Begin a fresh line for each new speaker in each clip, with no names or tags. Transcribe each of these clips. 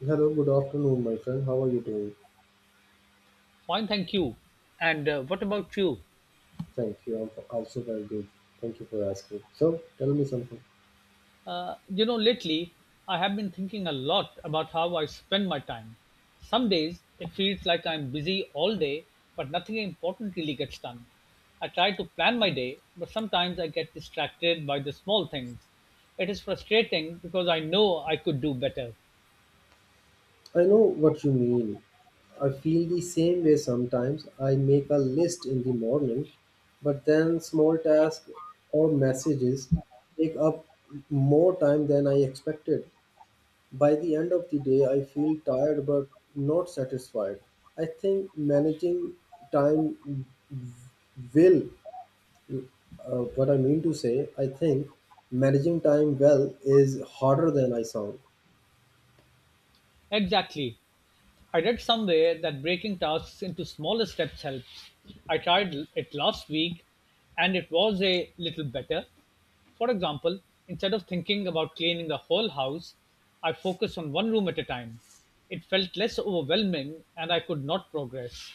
Hello, good afternoon, my friend. How are you doing?
Fine, thank you. And what about you?
Thank you. I'm also very good. Thank you for asking. So, tell me something.
Lately I have been thinking a lot about how I spend my time. Some days it feels like I'm busy all day, but nothing important really gets done. I try to plan my day, but sometimes I get distracted by the small things. It is frustrating because I know I could do better.
I know what you mean. I feel the same way sometimes. I make a list in the morning, but then small tasks or messages take up more time than I expected. By the end of the day, I feel tired but not satisfied. I think managing time will. What I mean to say, I think managing time well is harder than I sound.
Exactly. I read somewhere that breaking tasks into smaller steps helps. I tried it last week and it was a little better. For example, instead of thinking about cleaning the whole house, I focused on one room at a time. It felt less overwhelming and I could not progress.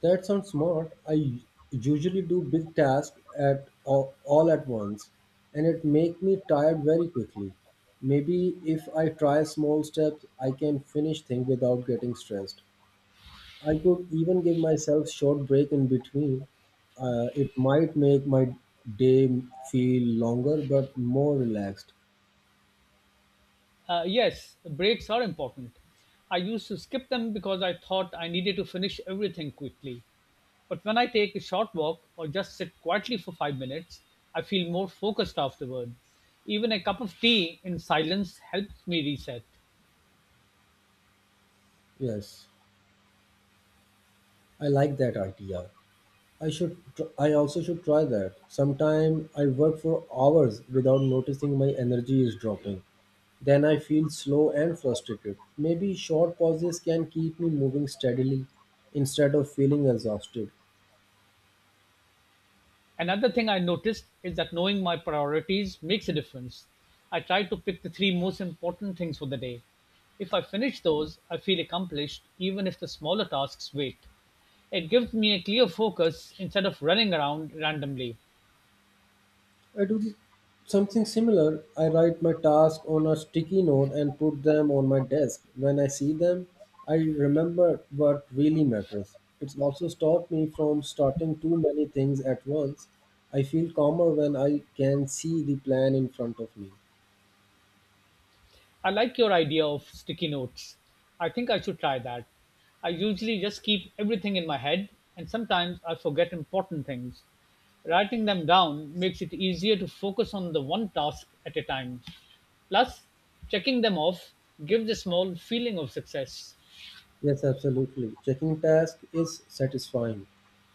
That sounds smart. I usually do big tasks at all at once, and it make me tired very quickly. Maybe if I try small steps, I can finish things without getting stressed. I could even give myself short break in between. It might make my day feel longer but more relaxed.
Yes, breaks are important. I used to skip them because I thought I needed to finish everything quickly. But when I take a short walk or just sit quietly for 5 minutes, I feel more focused afterward. Even a cup of tea in silence helps me reset.
Yes, I like that idea. I also should try that. Sometime I work for hours without noticing my energy is dropping. Then I feel slow and frustrated. Maybe short pauses can keep me moving steadily instead of feeling exhausted.
Another thing I noticed is that knowing my priorities makes a difference. I try to pick the three most important things for the day. If I finish those, I feel accomplished, even if the smaller tasks wait. It gives me a clear focus instead of running around randomly.
I do something similar. I write my tasks on a sticky note and put them on my desk. When I see them, I remember what really matters. It's also stopped me from starting too many things at once. I feel calmer when I can see the plan in front of me.
I like your idea of sticky notes. I think I should try that. I usually just keep everything in my head, and sometimes I forget important things. Writing them down makes it easier to focus on the one task at a time. Plus, checking them off gives a small feeling of success.
Yes, absolutely. Checking task is satisfying.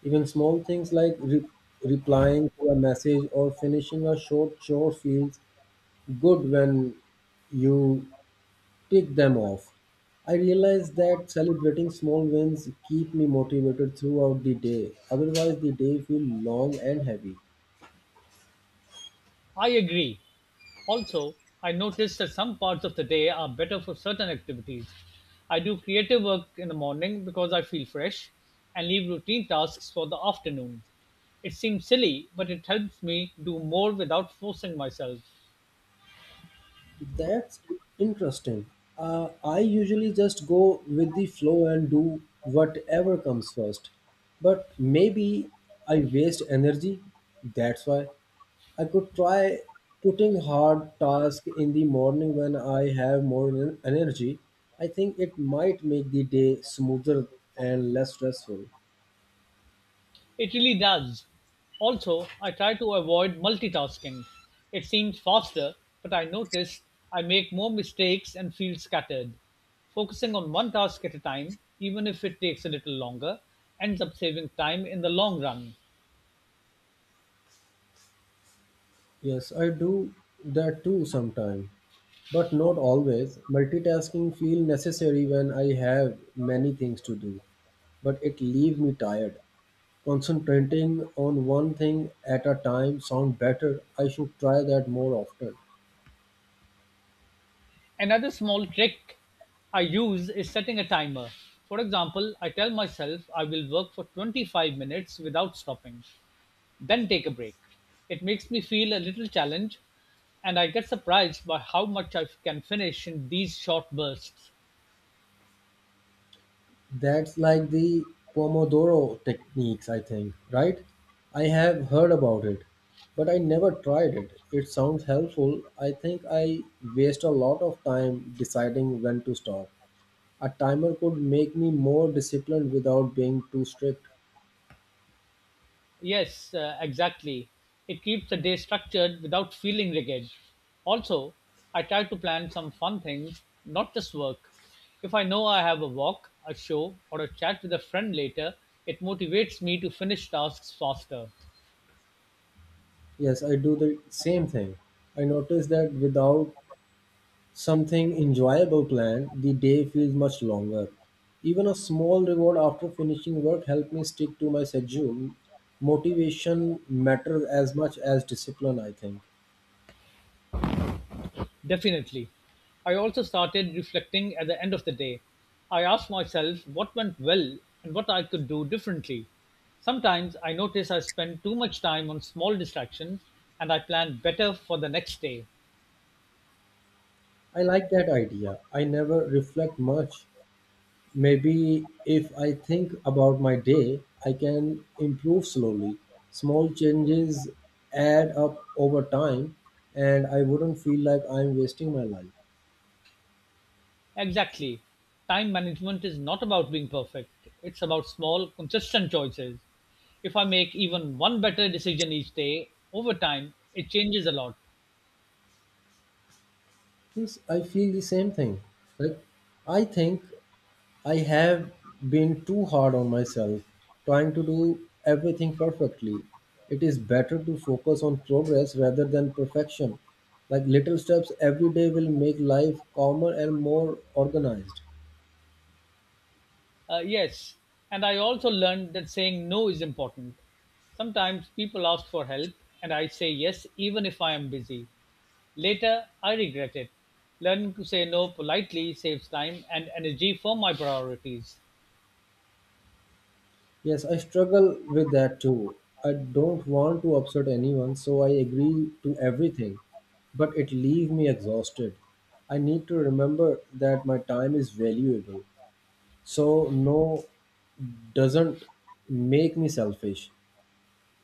Even small things like replying to a message or finishing a short chore feels good when you tick them off. I realize that celebrating small wins keep me motivated throughout the day. Otherwise, the day feels long and heavy.
I agree. Also, I noticed that some parts of the day are better for certain activities. I do creative work in the morning because I feel fresh and leave routine tasks for the afternoon. It seems silly, but it helps me do more without forcing myself.
That's interesting. I usually just go with the flow and do whatever comes first. But maybe I waste energy. That's why I could try putting hard tasks in the morning when I have more energy. I think it might make the day smoother and less stressful.
It really does. Also, I try to avoid multitasking. It seems faster, but I noticed I make more mistakes and feel scattered. Focusing on one task at a time, even if it takes a little longer, ends up saving time in the long run.
Yes, I do that too sometimes, but not always. Multitasking feel necessary when I have many things to do, but it leaves me tired. Concentrating on one thing at a time sound better. I should try that more often.
Another small trick I use is setting a timer. For example, I tell myself I will work for 25 minutes without stopping, then take a break. It makes me feel a little challenged, and I get surprised by how much I can finish in these short bursts.
That's like the Pomodoro techniques, I think, right? I have heard about it, but I never tried it. It sounds helpful. I think I waste a lot of time deciding when to stop. A timer could make me more disciplined without being too strict.
Yes, exactly. It keeps the day structured without feeling rigid. Also, I try to plan some fun things, not just work. If I know I have a walk, a show, or a chat with a friend later, it motivates me to finish tasks faster.
Yes, I do the same thing. I notice that without something enjoyable planned, the day feels much longer. Even a small reward after finishing work helped me stick to my schedule. Motivation matters as much as discipline, I think.
Definitely. I also started reflecting at the end of the day. I asked myself what went well and what I could do differently. Sometimes I notice I spend too much time on small distractions and I plan better for the next day.
I like that idea. I never reflect much. Maybe if I think about my day, I can improve slowly. Small changes add up over time, and I wouldn't feel like I'm wasting my life.
Exactly. Time management is not about being perfect. It's about small, consistent choices. If I make even one better decision each day, over time, it changes a lot.
Yes, I feel the same thing. Like, I think I have been too hard on myself, trying to do everything perfectly. It is better to focus on progress rather than perfection. Like, little steps every day will make life calmer and more organized.
Yes, and I also learned that saying no is important. Sometimes people ask for help, and I say yes even if I am busy. Later, I regret it. Learning to say no politely saves time and energy for my priorities.
Yes, I struggle with that too. I don't want to upset anyone, so I agree to everything, but it leaves me exhausted. I need to remember that my time is valuable. So no doesn't make me selfish.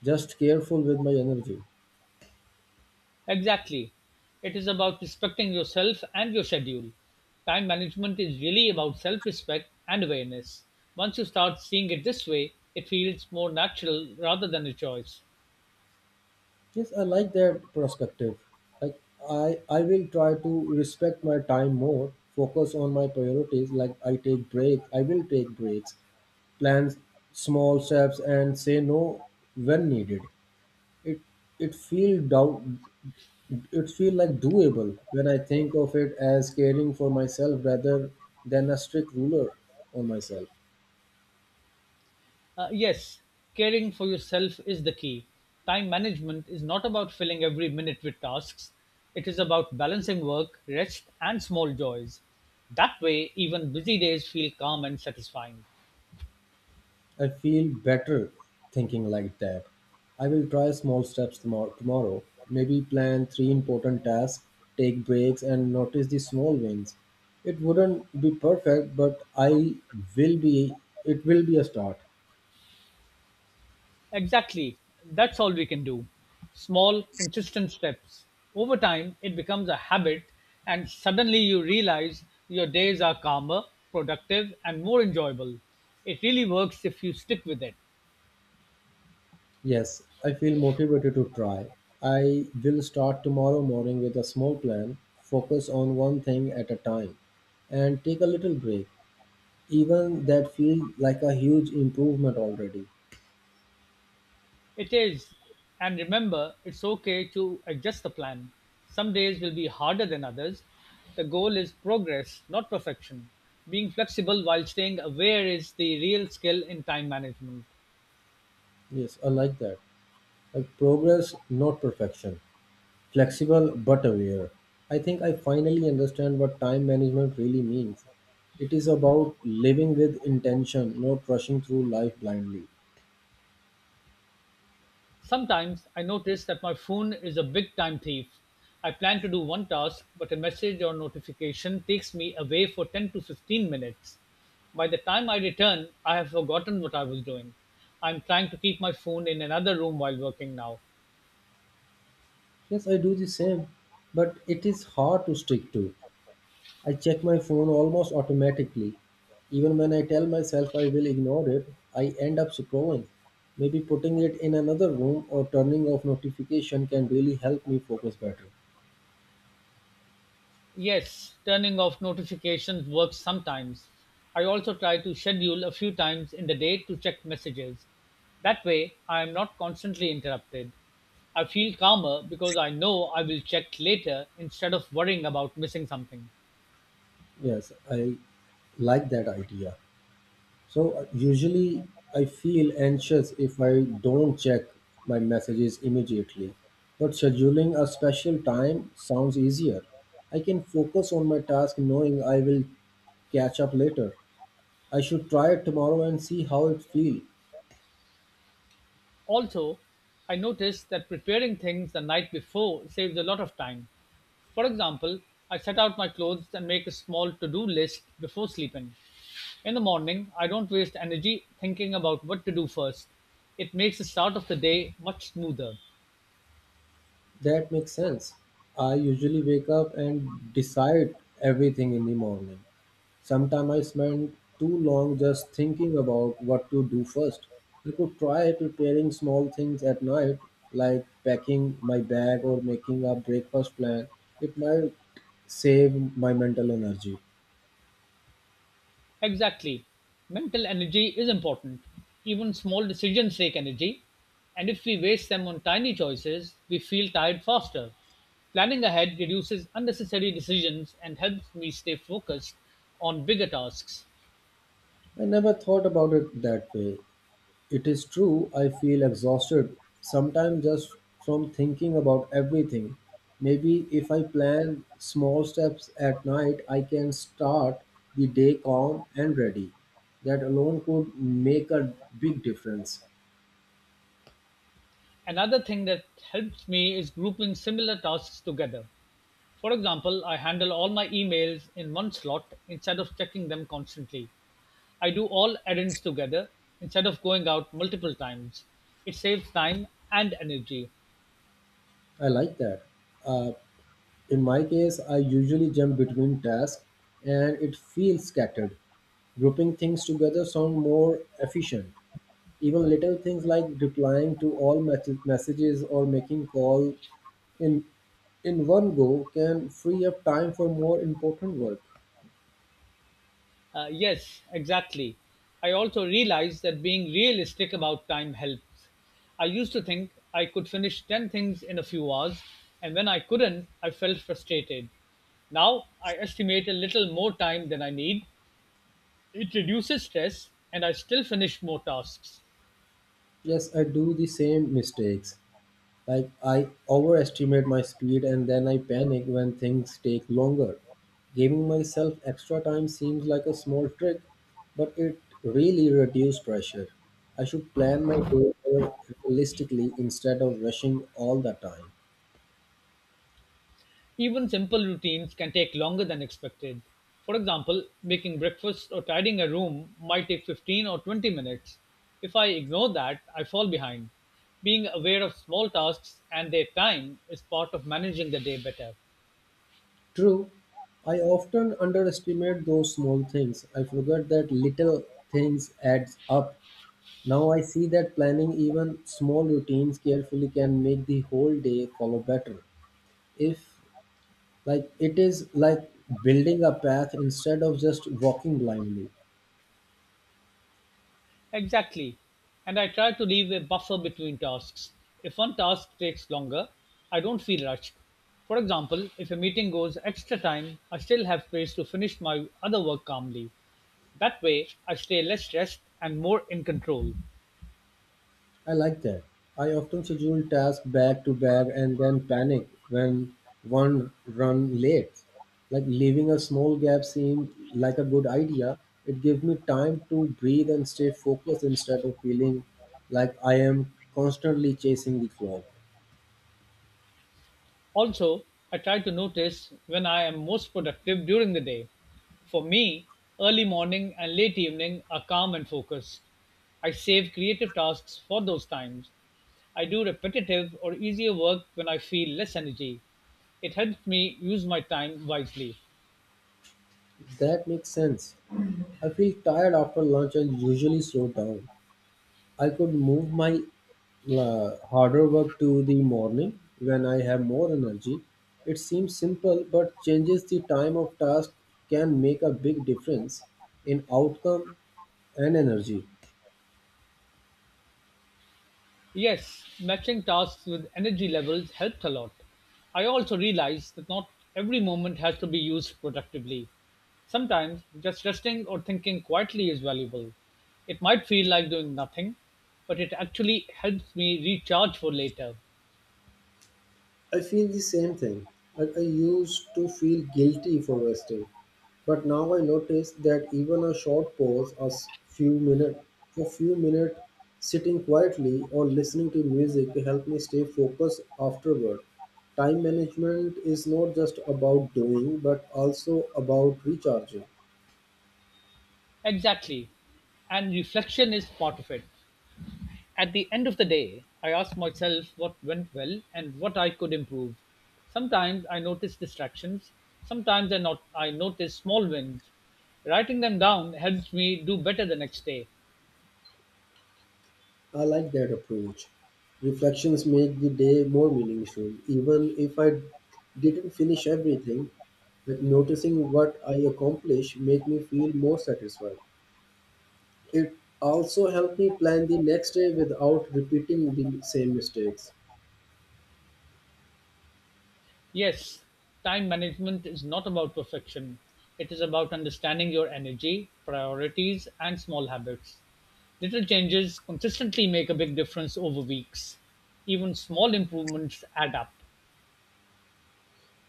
Just careful with my energy.
Exactly. It is about respecting yourself and your schedule. Time management is really about self respect and awareness. Once you start seeing it this way, it feels more natural rather than a choice.
Yes, I like that perspective. Like, I will try to respect my time more, focus on my priorities, like I take breaks, I will take breaks, plan small steps and say no when needed. It it feel doubt it feel like doable when I think of it as caring for myself rather than a strict ruler on myself.
Yes, caring for yourself is the key. Time management is not about filling every minute with tasks, it is about balancing work, rest, and small joys. That way, even busy days feel calm and satisfying.
I feel better thinking like that. I will try small steps tomorrow. Maybe plan three important tasks, take breaks, and notice the small wins. It wouldn't be perfect, but I will be. It will be a start.
Exactly. That's all we can do. Small, consistent steps. Over time, it becomes a habit, and suddenly you realize your days are calmer, productive, and more enjoyable. It really works if you stick with it.
Yes, I feel motivated to try. I will start tomorrow morning with a small plan, focus on one thing at a time, and take a little break. Even that feels like a huge improvement already.
It is. And remember, it's okay to adjust the plan. Some days will be harder than others. The goal is progress, not perfection. Being flexible while staying aware is the real skill in time management.
Yes, I like that. Like, progress, not perfection. Flexible but aware. I think I finally understand what time management really means. It is about living with intention, not rushing through life blindly.
Sometimes I notice that my phone is a big time thief. I plan to do one task, but a message or notification takes me away for 10 to 15 minutes. By the time I return, I have forgotten what I was doing. I'm trying to keep my phone in another room while working now.
Yes, I do the same, but it is hard to stick to. I check my phone almost automatically. Even when I tell myself I will ignore it, I end up scrolling. Maybe putting it in another room or turning off notification can really help me focus better.
Yes, turning off notifications works sometimes. I also try to schedule a few times in the day to check messages. That way, I am not constantly interrupted. I feel calmer because I know I will check later instead of worrying about missing something.
Yes, I like that idea. So usually I feel anxious if I don't check my messages immediately. But scheduling a special time sounds easier. I can focus on my task knowing I will catch up later. I should try it tomorrow and see how it feels.
Also, I noticed that preparing things the night before saves a lot of time. For example, I set out my clothes and make a small to do list before sleeping. In the morning, I don't waste energy thinking about what to do first. It makes the start of the day much smoother.
That makes sense. I usually wake up and decide everything in the morning. Sometimes I spend too long just thinking about what to do first. I could try preparing small things at night, like packing my bag or making a breakfast plan. It might save my mental energy.
Exactly. Mental energy is important. Even small decisions take energy, and if we waste them on tiny choices, we feel tired faster. Planning ahead reduces unnecessary decisions and helps me stay focused on bigger tasks.
I never thought about it that way. It is true I feel exhausted sometimes just from thinking about everything. Maybe if I plan small steps at night, I can start the day calm and ready. That alone could make a big difference.
Another thing that helps me is grouping similar tasks together. For example, I handle all my emails in one slot instead of checking them constantly. I do all errands together instead of going out multiple times. It saves time and energy.
I like that. Uh, In my case, I usually jump between tasks and it feels scattered. Grouping things together sound more efficient. Even little things like replying to all messages or making call in in one go can free up time for more important work.
Yes, exactly. I also realized that being realistic about time helps. I used to think I could finish 10 things in a few hours, and when I couldn't, I felt frustrated. Now I estimate a little more time than I need. It reduces stress, and I still finish more tasks.
Yes, I do the same mistakes. Like I overestimate my speed and then I panic when things take longer. Giving myself extra time seems like a small trick, but it really reduces pressure. I should plan my day more realistically instead of rushing all the time.
Even simple routines can take longer than expected. For example, making breakfast or tidying a room might take 15 or 20 minutes. If I ignore that, I fall behind. Being aware of small tasks and their time is part of managing the day better.
True, I often underestimate those small things. I forget that little things adds up. Now I see that planning even small routines carefully can make the whole day follow better. If Like, it is like building a path instead of just walking blindly.
Exactly. And I try to leave a buffer between tasks. If one task takes longer, I don't feel rushed. For example, if a meeting goes extra time, I still have space to finish my other work calmly. That way, I stay less stressed and more in control.
I like that. I often schedule tasks back to back and then panic when one run late. Like leaving a small gap seemed like a good idea. It gives me time to breathe and stay focused instead of feeling like I am constantly chasing the clock.
Also, I try to notice when I am most productive during the day. For me, early morning and late evening are calm and focused. I save creative tasks for those times. I do repetitive or easier work when I feel less energy. It helps me use my time wisely.
That makes sense. I feel tired after lunch and usually slow down. I could move my harder work to the morning when I have more energy. It seems simple, but changes the time of task can make a big difference in outcome and energy.
Yes, matching tasks with energy levels helped a lot. I also realized that not every moment has to be used productively. Sometimes just resting or thinking quietly is valuable. It might feel like doing nothing, but it actually helps me recharge for later.
I feel the same thing. Like I used to feel guilty for resting, but now I notice that even a short pause, few minute, a few minute sitting quietly or listening to music help me stay focused afterward. Time management is not just about doing, but also about recharging.
Exactly. And reflection is part of it. At the end of the day, I ask myself what went well and what I could improve. Sometimes I notice distractions, sometimes I, not, I notice small wins. Writing them down helps me do better the next day.
I like that approach. Reflections make the day more meaningful. Even if I didn't finish everything, like noticing what I accomplished make me feel more satisfied. It also helped me plan the next day without repeating the same mistakes.
Yes, time management is not about perfection, it is about understanding your energy, priorities, and small habits. Little changes consistently make a big difference over weeks. Even small improvements add up.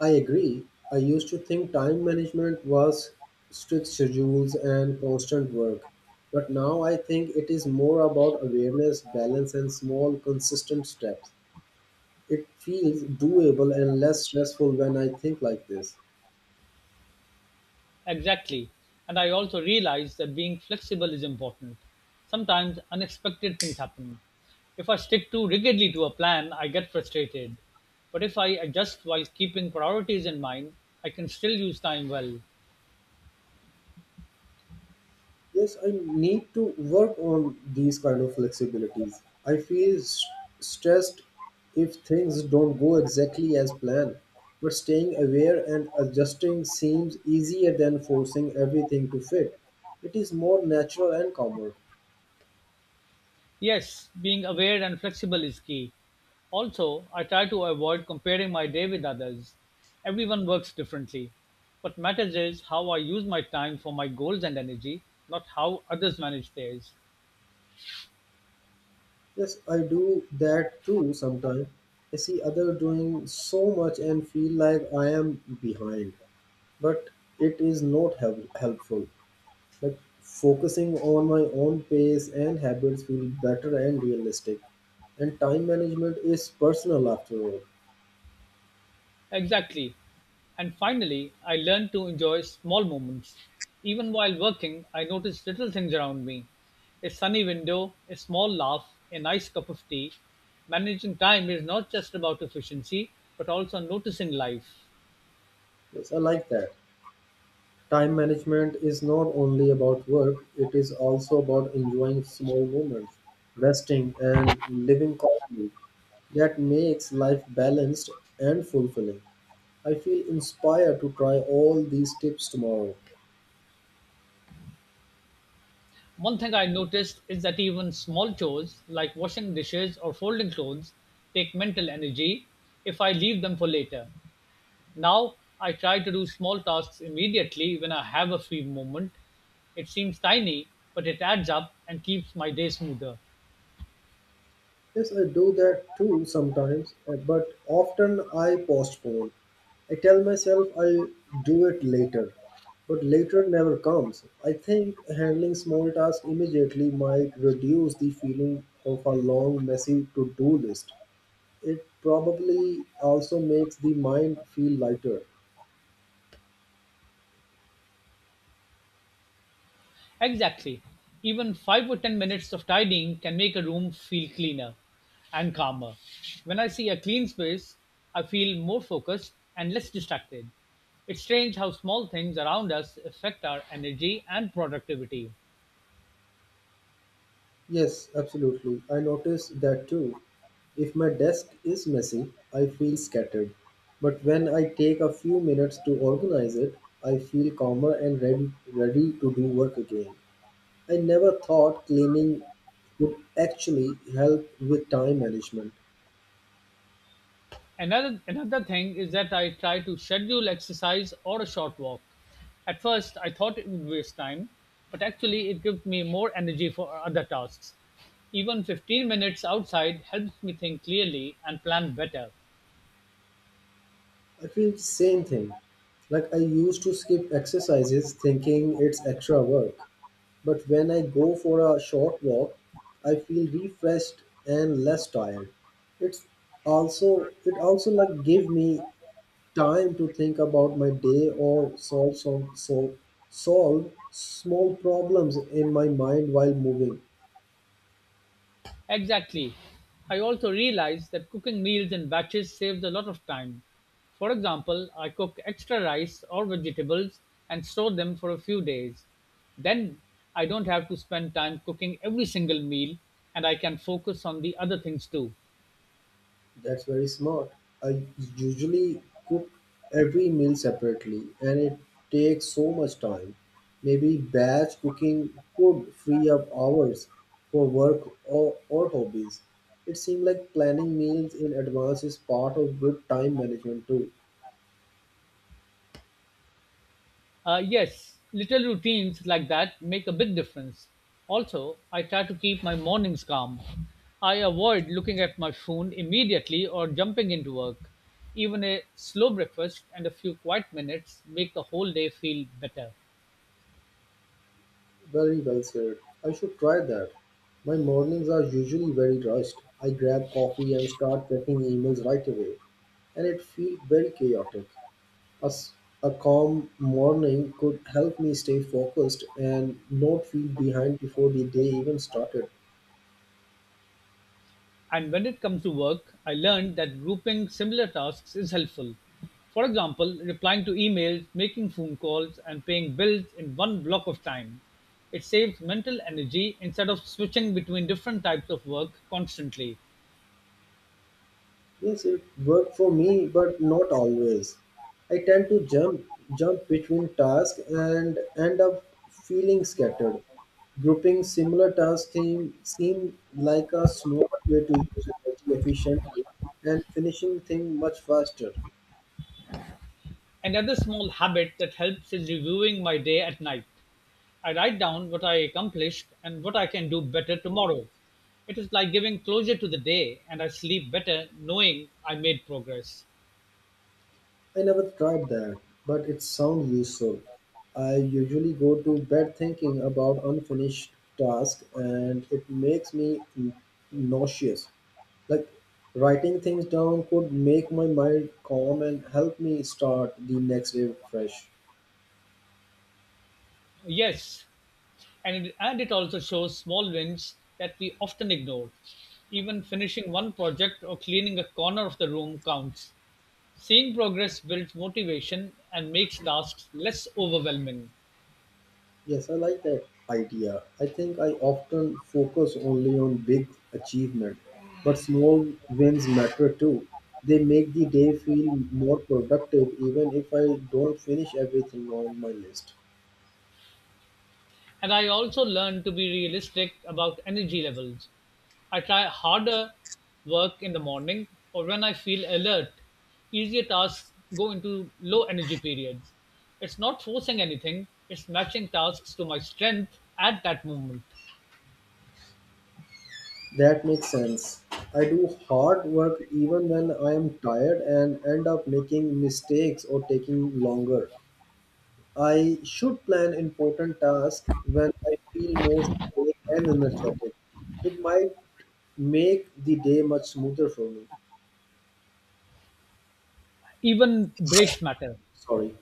I agree. I used to think time management was strict schedules and constant work. But now I think it is more about awareness, balance, and small, consistent steps. It feels doable and less stressful when I think like this.
Exactly. And I also realize that being flexible is important. Sometimes unexpected things happen. If I stick too rigidly to a plan, I get frustrated. But if I adjust while keeping priorities in mind, I can still use time well.
Yes, I need to work on these kind of flexibilities. I feel stressed if things don't go exactly as planned. But staying aware and adjusting seems easier than forcing everything to fit. It is more natural and calmer.
Yes, being aware and flexible is key. Also, I try to avoid comparing my day with others. Everyone works differently. What matters is how I use my time for my goals and energy, not how others manage theirs.
Yes, I do that too sometimes. I see others doing so much and feel like I am behind, but it is not helpful. Like focusing on my own pace and habits feel better and realistic. And time management is personal after all.
Exactly. And finally, I learned to enjoy small moments. Even while working, I noticed little things around me, a sunny window, a small laugh, a nice cup of tea. Managing time is not just about efficiency, but also noticing life.
Yes, I like that. Time management is not only about work, it is also about enjoying small moments, resting, and living calmly. That makes life balanced and fulfilling. I feel inspired to try all these tips tomorrow.
One thing I noticed is that even small chores like washing dishes or folding clothes take mental energy if I leave them for later. Now I try to do small tasks immediately when I have a free moment. It seems tiny, but it adds up and keeps my day smoother.
Yes, I do that too sometimes, but often I postpone. I tell myself I'll do it later, but later never comes. I think handling small tasks immediately might reduce the feeling of a long, messy to do list. It probably also makes the mind feel lighter.
Exactly. Even 5 or 10 minutes of tidying can make a room feel cleaner and calmer. When I see a clean space, I feel more focused and less distracted. It's strange how small things around us affect our energy and productivity.
Yes, absolutely. I notice that too. If my desk is messy, I feel scattered. But when I take a few minutes to organize it, I feel calmer and ready, ready to do work again. I never thought cleaning would actually help with time management.
Another thing is that I try to schedule exercise or a short walk. At first, I thought it would waste time, but actually it gives me more energy for other tasks. Even 15 minutes outside helps me think clearly and plan better.
I feel the same thing. Like I used to skip exercises thinking it's extra work. But when I go for a short walk, I feel refreshed and less tired. It's it also like give me time to think about my day or solve small problems in my mind while moving.
Exactly. I also realized that cooking meals in batches saves a lot of time. For example, I cook extra rice or vegetables and store them for a few days. Then I don't have to spend time cooking every single meal and I can focus on the other things too.
That's very smart. I usually cook every meal separately and it takes so much time. Maybe batch cooking could free up hours for work or hobbies. It seems like planning meals in advance is part of good time management too.
Yes, little routines like that make a big difference. Also, I try to keep my mornings calm. I avoid looking at my phone immediately or jumping into work. Even a slow breakfast and a few quiet minutes make the whole day feel better.
Very well said. I should try that. My mornings are usually very rushed. I grab coffee and start checking emails right away, and it feels very chaotic. A, s- a calm morning could help me stay focused and not feel behind before the day even started.
And when it comes to work, I learned that grouping similar tasks is helpful. For example, replying to emails, making phone calls, and paying bills in one block of time. It saves mental energy instead of switching between different types of work constantly.
Yes, it worked for me, but not always. I tend to jump between tasks and end up feeling scattered. Grouping similar tasks seem like a smart way to use energy efficiently and finishing things much faster.
Another small habit that helps is reviewing my day at night. I write down what I accomplished and what I can do better tomorrow. It is like giving closure to the day, and I sleep better knowing I made progress.
I never tried that, but it sounds useful. I usually go to bed thinking about unfinished tasks and it makes me nauseous. Like writing things down could make my mind calm and help me start the next day fresh.
Yes, and it also shows small wins that we often ignore. Even finishing one project or cleaning a corner of the room counts. Seeing progress builds motivation and makes tasks less overwhelming.
Yes, I like that idea. I think I often focus only on big achievement, but small wins matter too. They make the day feel more productive even if I don't finish everything on my list.
And I also learned to be realistic about energy levels. I try harder work in the morning or when I feel alert. Easier tasks go into low energy periods. It's not forcing anything, it's matching tasks to my strength at that moment.
That makes sense. I do hard work even when I am tired and end up making mistakes or taking longer. I should plan important tasks when I feel most awake and energetic. It might make the day much smoother for me.
Even breaks matter.
Sorry,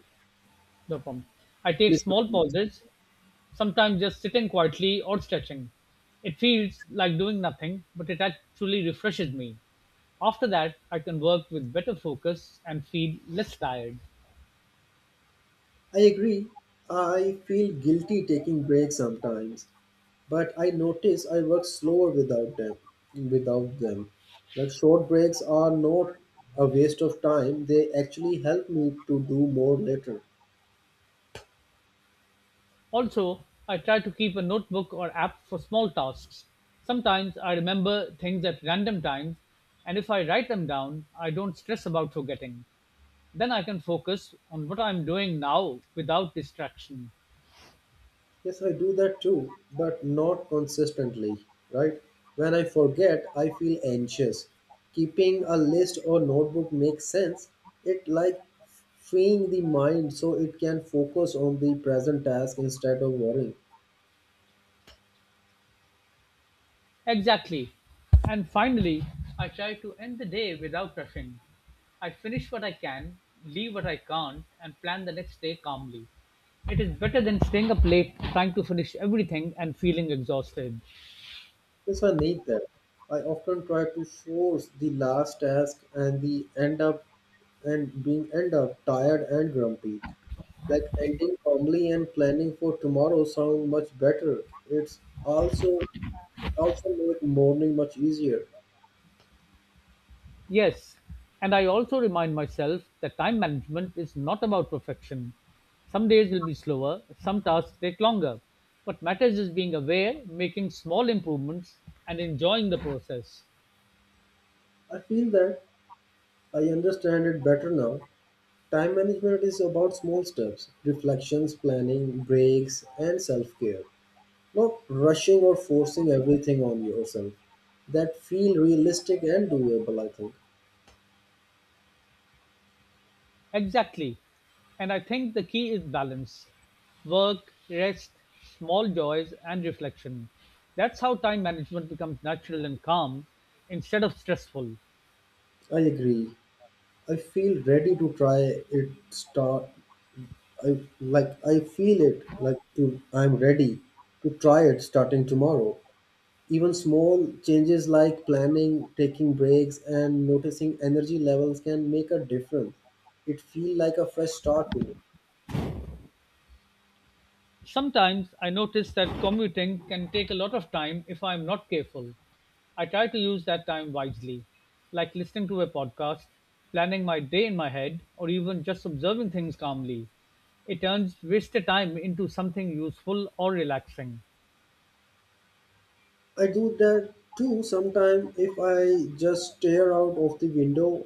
No problem. I take
please
small
continue.
pauses, sometimes just sitting quietly or stretching. It feels like doing nothing, but it actually refreshes me. After that, I can work with better focus and feel less tired.
I agree. I feel guilty taking breaks sometimes, but I notice I work slower without them. Without them, like short breaks are not a waste of time. They actually help me to do more later.
Also, I try to keep a notebook or app for small tasks. Sometimes I remember things at random times, and if I write them down, I don't stress about forgetting. Then I can focus on what I'm doing now without distraction.
Yes, I do that too, but not consistently, right? When I forget, I feel anxious. Keeping a list or notebook makes sense. It like freeing the mind so it can focus on the present task instead of worrying.
Exactly. And finally, I try to end the day without rushing. I finish what I can, leave what I can't, and plan the next day calmly. It is better than staying up late trying to finish everything and feeling exhausted.
Yes, I need that. I often try to force the last task and the end up and being end up tired and grumpy. Like ending calmly and planning for tomorrow sound much better. It's also it also make morning much easier.
Yes, and I also remind myself that time management is not about perfection. Some days will be slower, some tasks take longer. What matters is being aware, making small improvements, and enjoying the process.
I feel that I understand it better now. Time management is about small steps, reflections, planning, breaks, and self-care. Not rushing or forcing everything on yourself. That feel realistic and doable, I think.
Exactly. And I think the key is balance work, rest, small joys, and reflection. That's how time management becomes natural and calm instead of stressful.
I agree. I feel ready to try it start I like I feel it like to I'm ready to try it starting tomorrow. Even small changes like planning, taking breaks and noticing energy levels can make a difference. It feel like a fresh start to me.
Sometimes I notice that commuting can take a lot of time if I am not careful. I try to use that time wisely, like listening to a podcast, planning my day in my head, or even just observing things calmly. It turns wasted time into something useful or relaxing.
I do that too sometimes if I just stare out of the window.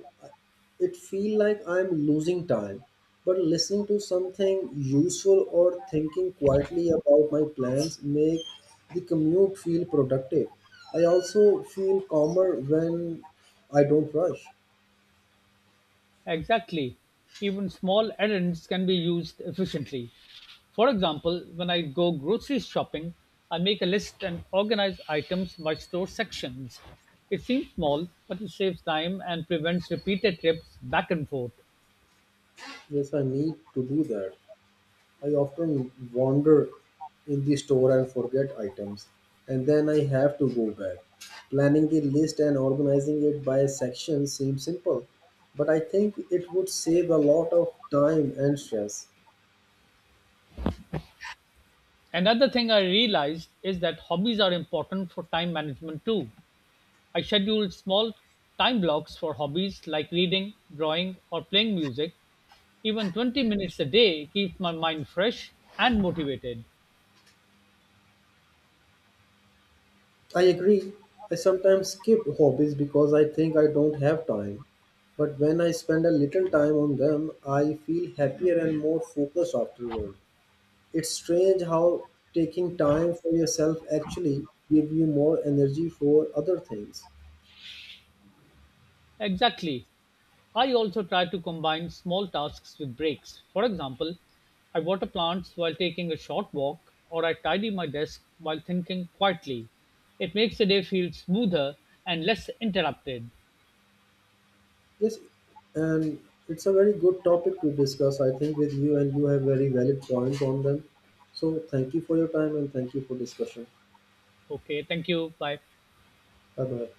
It feel like I'm losing time. But listening to something useful or thinking quietly about my plans make the commute feel productive. I also feel calmer when I don't rush.
Exactly. Even small errands can be used efficiently. For example, when I go grocery shopping, I make a list and organize items by store sections. It seems small, but it saves time and prevents repeated trips back and forth.
Yes, I need to do that. I often wander in the store and forget items, and then I have to go back. Planning the list and organizing it by section seems simple, but I think it would save a lot of time and stress.
Another thing I realized is that hobbies are important for time management too. I schedule small time blocks for hobbies like reading, drawing, or playing music. Even 20 minutes a day keeps my mind fresh and motivated.
I agree. I sometimes skip hobbies because I think I don't have time. But when I spend a little time on them, I feel happier and more focused afterward. It's strange how taking time for yourself actually give you more energy for other things.
Exactly. I also try to combine small tasks with breaks. For example, I water plants while taking a short walk, or I tidy my desk while thinking quietly. It makes the day feel smoother and less interrupted.
Yes, and it's a very good topic to discuss, I think, with you, and you have very valid points on them. So thank you for your time and thank you for discussion.
Okay, thank you. Bye.
Bye bye.